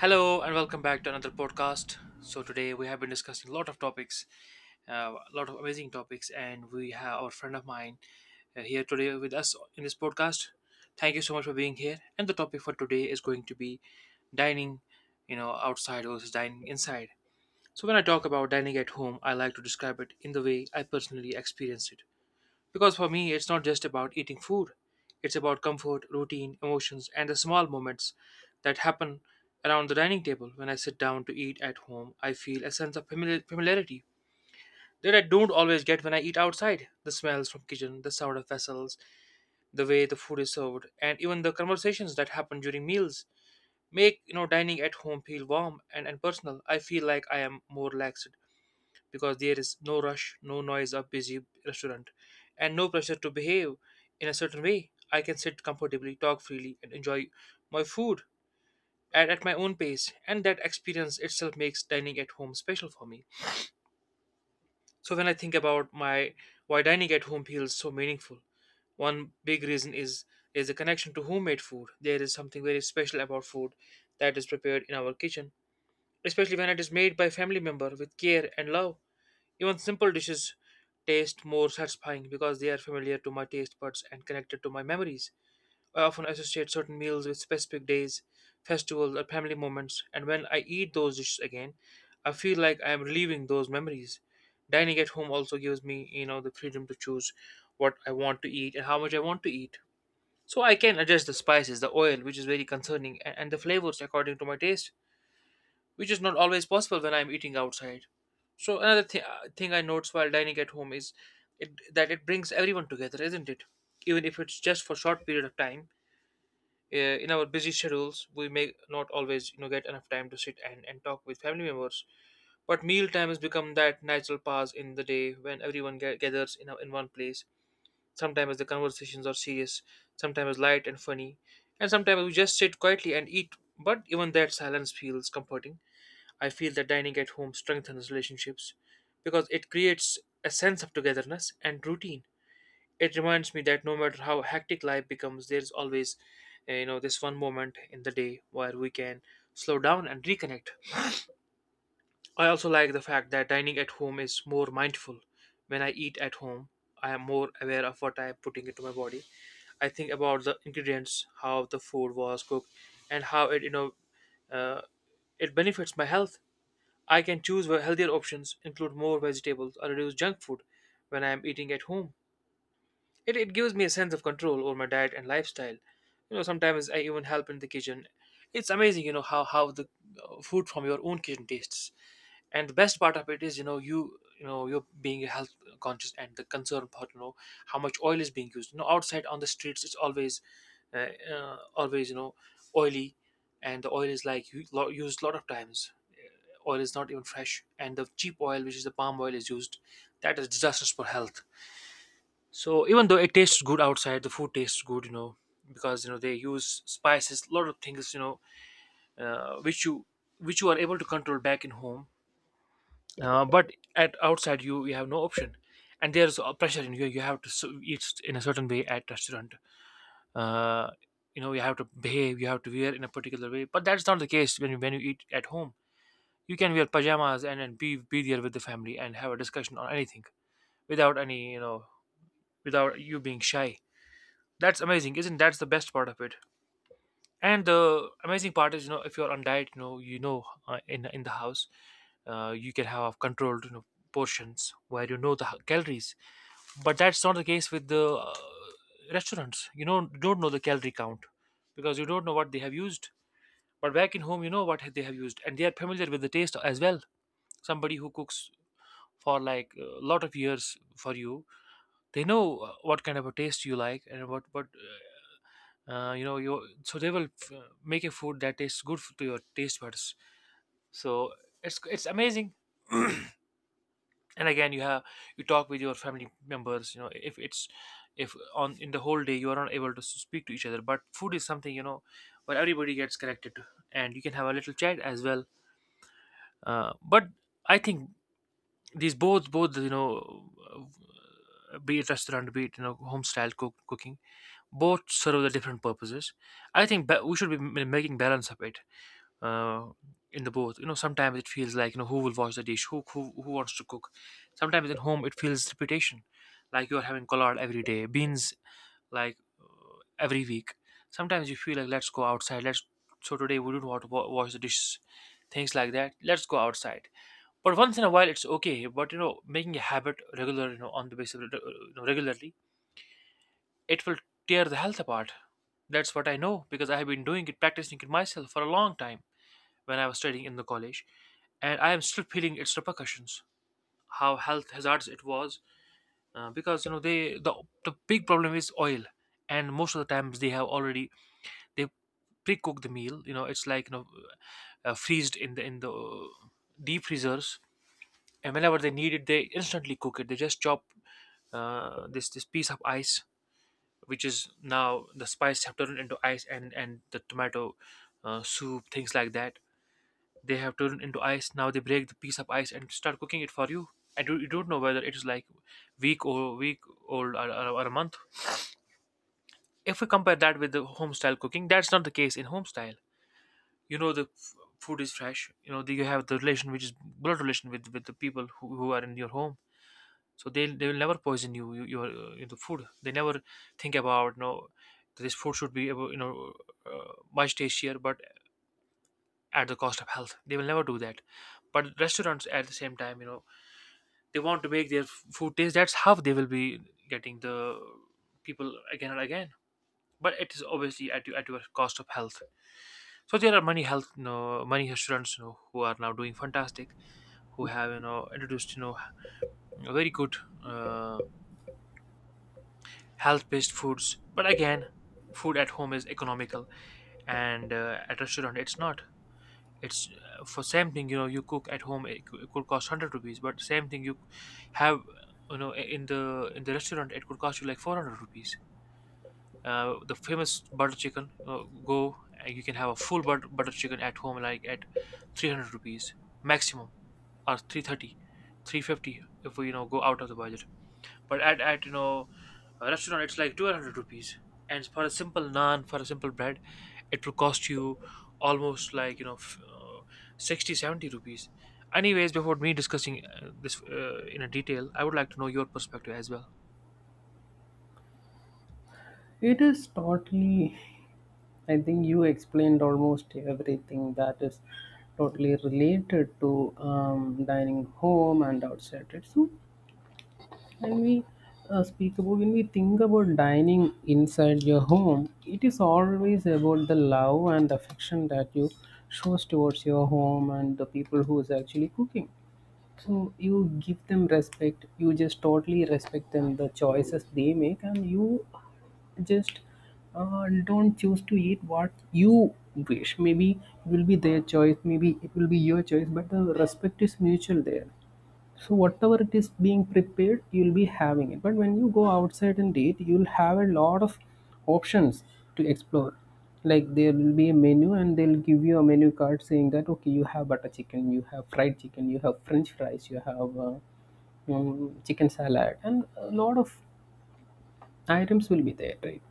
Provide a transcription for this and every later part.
Hello and welcome back to another podcast. So today we have been discussing a lot of topics, a lot of amazing topics, and we have our friend of mine here today with us in this podcast. Thank you so much for being here. And the topic for today is going to be dining, outside versus dining inside. So when I talk about dining at home, I like to describe it in the way I personally experienced it. Because for me, it's not just about eating food, it's about comfort, routine, emotions, and the small moments that happen around the dining table. When I sit down to eat at home, I feel a sense of familiarity that I don't always get when I eat outside. The smells from kitchen, the sound of vessels, the way the food is served, and even the conversations that happen during meals make dining at home feel warm and personal. I feel like I am more relaxed because there is no rush, no noise of busy restaurant, and no pressure to behave in a certain way. I can sit comfortably, talk freely, and enjoy my food at my own pace, and that experience itself makes dining at home special for me. So when I think about my why dining at home feels so meaningful, one big reason is the connection to homemade food. There is something very special about food that is prepared in our kitchen, especially when it is made by family member with care and love. Even simple dishes taste more satisfying because they are familiar to my taste buds and connected to my memories. I often associate certain meals with specific days, festivals, or family moments, and when I eat those dishes again, I feel like I am reliving those memories. Dining at home also gives me, the freedom to choose what I want to eat and how much I want to eat. So I can adjust the spices, the oil, which is very concerning, and the flavors according to my taste which is not always possible when I'm eating outside. So another thing I notice while dining at home is that it brings everyone together, isn't it? Even if it's just for short period of time. In our busy schedules, we may not always, get enough time to sit and talk with family members. But meal time has become that natural pause in the day when everyone gathers in one place. Sometimes the conversations are serious, sometimes light and funny, and sometimes we just sit quietly and eat. But even that silence feels comforting. I feel that dining at home strengthens relationships because it creates a sense of togetherness and routine. It reminds me that no matter how hectic life becomes, there's always, this one moment in the day where we can slow down and reconnect. I also like the fact that dining at home is more mindful. When I eat at home, I am more aware of what I am putting into my body. I think about the ingredients, how the food was cooked, and how uh, it benefits my health. I can choose healthier options, include more vegetables, or reduce junk food when I am eating at home. It gives me a sense of control over my diet and lifestyle. You know, sometimes I even help in the kitchen. It's amazing, you know, how the food from your own kitchen tastes. And the best part of it is, you know, you're being health conscious and the concern about how much oil is being used. You know, outside on the streets, it's always, uh, always oily, and the oil is like used a lot of times, oil is not even fresh, and the cheap oil, which is the palm oil, is used. That is disastrous for health. So even though it tastes good outside, the food tastes good, you know, because you know they use spices, a lot of things, you know, uh, which you which you are able to control back in home, but at outside you have no option, and there's a pressure in you. You have to eat in a certain way at restaurant. Uh, you know, you have to behave, you have to wear in a particular way, but that's not the case when you eat at home. You can wear pajamas and be there with the family and have a discussion on anything without any without you being shy. That's amazing, isn't that's the best part of it? And the amazing part is, you know, if you're on diet, in the house, you can have controlled, you know, portions where you know the calories, but that's not the case with the restaurants, you know, don't know the calorie count because you don't know what they have used, but back in home you know what they have used and they are familiar with the taste as well. Somebody who cooks for like a lot of years for you, they know what kind of a taste you like and what you know you, so they will make a food that tastes good to your taste buds, so it's amazing. And again you have, you talk with your family members, you know, if it's, if on in the whole day you are not able to speak to each other, but food is something, you know, where everybody gets connected to, and you can have a little chat as well. But I think these both, you know, be it restaurant be it, you know, home style cooking, both serve the different purposes. I think we should be making balance of it, uh, in the both, you know. Sometimes it feels like, you know, who will wash the dish, who wants to cook. Sometimes in home it feels repetition, like you're having collard every day, beans, like every week. Sometimes you feel like let's go outside, let's, so today we don't want to wash the dishes, things like that, let's go outside. But once in a while, it's okay. But you know, making a habit regular, you know, on the basis of, you know, regularly, it will tear the health apart. That's what I know because I have been doing it, practicing it myself for a long time when I was studying in the college, and I am still feeling its repercussions. How health hazards it was, because you know they, the big problem is oil, and most of the times they have already, they pre-cook the meal. You know, it's like, you know, freezed in the, deep freezers, and whenever they need it they instantly cook it, they just chop this piece of ice, which is now the spice have turned into ice, and the tomato soup, things like that, they have turned into ice. Now they break the piece of ice and start cooking it for you, and you don't know whether it is like week or week old, or a month. If we compare that with the home style cooking, that's not the case in home style. You know the food is fresh, you know the, you have the relation which is blood relation with the people who are in your home, so they will never poison you, your the food, they never think about, no, this food should be you know much tastier, but at the cost of health they will never do that. But restaurants at the same time, you know, they want to make their food taste, that's how they will be getting the people again and again, but it is obviously at at your cost of health. So there are many health, you know, many restaurants, you know, who are now doing fantastic, who have, you know, introduced, you know, very good uh, health-based foods. But again, food at home is economical, and at restaurant it's not. It's for same thing. You know, you cook at home, it could cost 100 rupees, but same thing you have, you know, in the, restaurant, it could cost you like 400 rupees. The famous butter chicken, go, and you can have a full butter chicken at home, like at 300 rupees maximum, or 330, 350, if we, you know, go out of the budget. But at, you know, a restaurant, it's like 200 rupees, and for a simple naan, for a simple bread, it will cost you almost like, you know, 60 70 rupees. Anyways, before me discussing this in a detail, I would like to know your perspective as well. It is totally, I think you explained almost everything that is totally related to dining home and outside. Right? So, when we speak about, when we think about dining inside your home, it is always about the love and affection that you shows towards your home and the people who is actually cooking. So you give them respect. You just totally respect them, the choices they make, and you just don't choose to eat what you wish. Maybe it will be their choice, maybe it will be your choice, but the respect is mutual there. So whatever it is being prepared you'll be having it. But when you go outside and eat you'll have a lot of options to explore. Like there will be a menu and they'll give you a menu card saying that okay, you have butter chicken, you have fried chicken, you have french fries, you have chicken salad, and a lot of items will be there, right?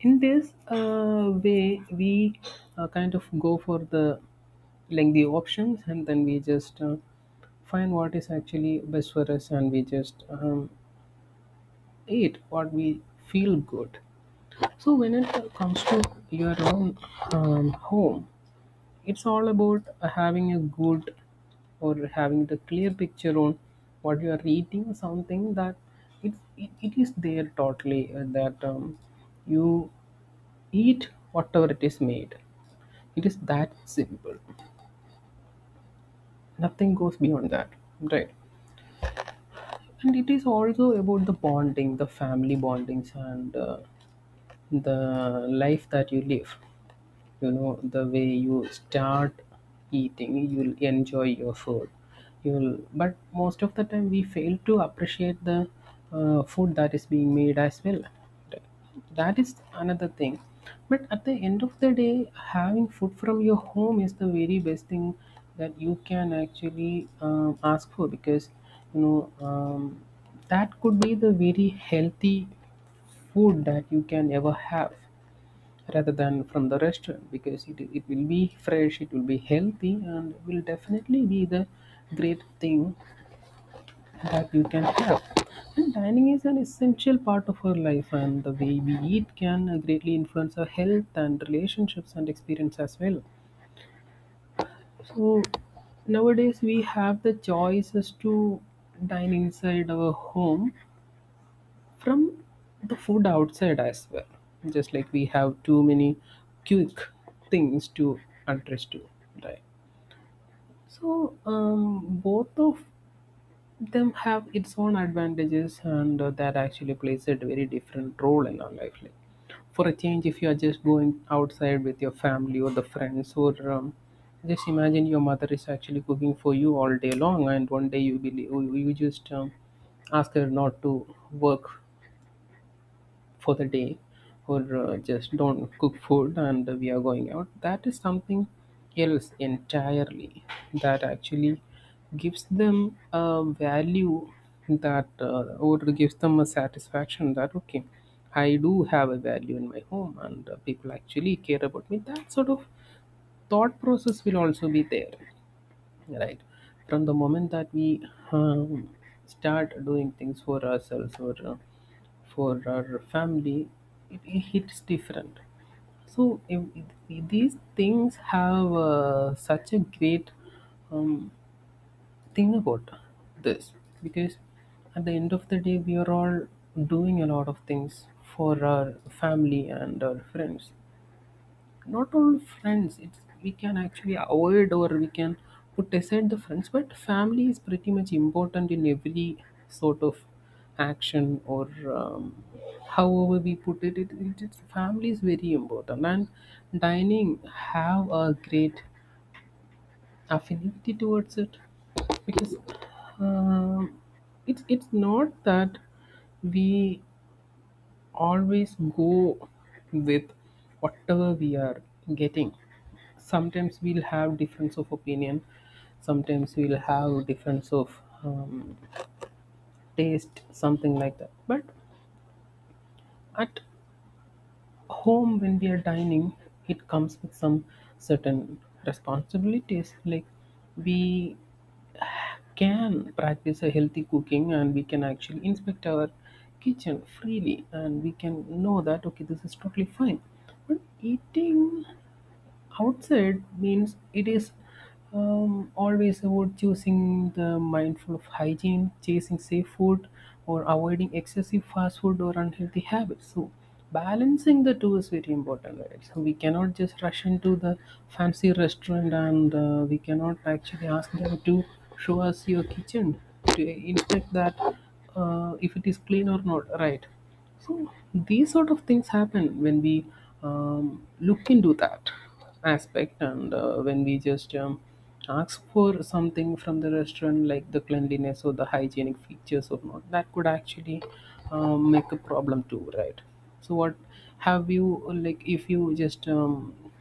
In this way, we kind of go for the lengthy options, and then we just find what is actually best for us, and we just eat what we feel good. So when it comes to your own home, it's all about having a good or having the clear picture on what you are eating, something that it is there totally that you eat whatever it is made. It is that simple. Nothing goes beyond that, right? And it is also about the bonding, the family bondings and the life that you live. You know, the way you start eating you'll enjoy your food. You'll, but most of the time we fail to appreciate the food that is being made as well. That is another thing. But at the end of the day, having food from your home is the very best thing that you can actually ask for, because you know um, that could be the very healthy food that you can ever have, rather than from the restaurant, because it will be fresh, it will be healthy, and will definitely be the great thing that you can have. And dining is an essential part of our life, and the way we eat can greatly influence our health and relationships and experience as well. So nowadays we have the choices to dine inside our home from the food outside as well. Just like we have too many quick things to address to, right? So both of them have its own advantages, and that actually plays a very different role in our life. Like for a change, if you are just going outside with your family or the friends, or just imagine your mother is actually cooking for you all day long, and one day you believe you just ask her not to work for the day, or just don't cook food and we are going out. That is something else entirely, that actually gives them a value, that or gives them a satisfaction that okay, I do have a value in my home and people actually care about me. That sort of thought process will also be there. Right. From the moment that we um, start doing things for ourselves or for our family, it hits different. So if these things have such a great um, thing about this, because at the end of the day we are all doing a lot of things for our family and our friends. Not only friends, it's we can actually avoid or we can put aside the friends, but family is pretty much important in every sort of action or however we put it, it's family is very important and dining have a great affinity towards it. Because um, it's not that we always go with whatever we are getting. Sometimes we'll have difference of opinion, sometimes we'll have difference of taste, something like that. But at home when we are dining, it comes with some certain responsibilities, like we can practice a healthy cooking and we can actually inspect our kitchen freely and we can know that okay, this is totally fine. But eating outside means it is always about choosing the mindful of hygiene, chasing safe food, or avoiding excessive fast food or unhealthy habits. So balancing the two is very important, right? So we cannot just rush into the fancy restaurant and we cannot actually ask them to show us your kitchen to inspect that if it is clean or not, right? So these sort of things happen when we look into that aspect, and when we just ask for something from the restaurant, like the cleanliness or the hygienic features or not, that could actually make a problem too, right? So what have you, like if you just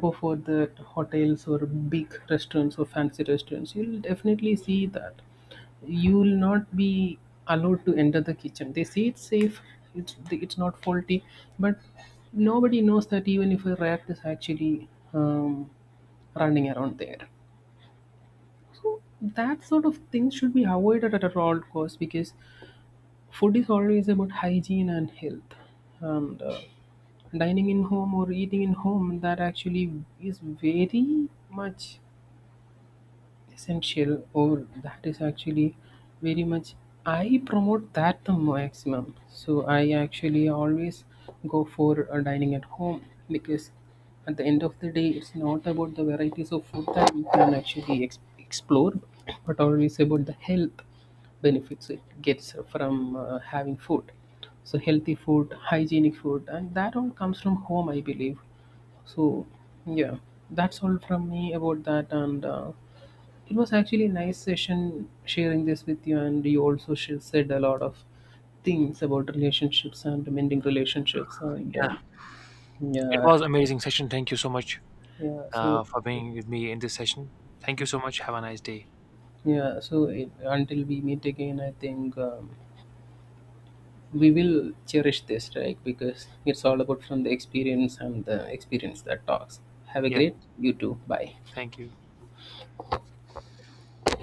go for the hotels or big restaurants or fancy restaurants, you'll definitely see that you will not be allowed to enter the kitchen. They say it's safe, it's not faulty, but nobody knows that even if a rat is actually running around there. So that sort of thing should be avoided at all costs, because food is always about hygiene and health, and dining in home or eating in home, that actually is very much essential, or that is actually very much, I promote that the maximum. So I actually always go for dining at home, because at the end of the day it's not about the varieties of food that you can actually explore, but always about the health benefits it gets from having food. So healthy food, hygienic food, and that all comes from home, I believe. So yeah, that's all from me about that, and it was actually a nice session sharing this with you, and you also said a lot of things about relationships and mending relationships, and Yeah, it yeah, was amazing session. Thank you so much yeah. So for being with me in this session. Thank you so much. Have a nice day. yeah, so it, until we meet again, I think we will cherish this, right? Because it's all about from the experience and the experience that talks. Have a Yeah, great, you too. Bye. thank you.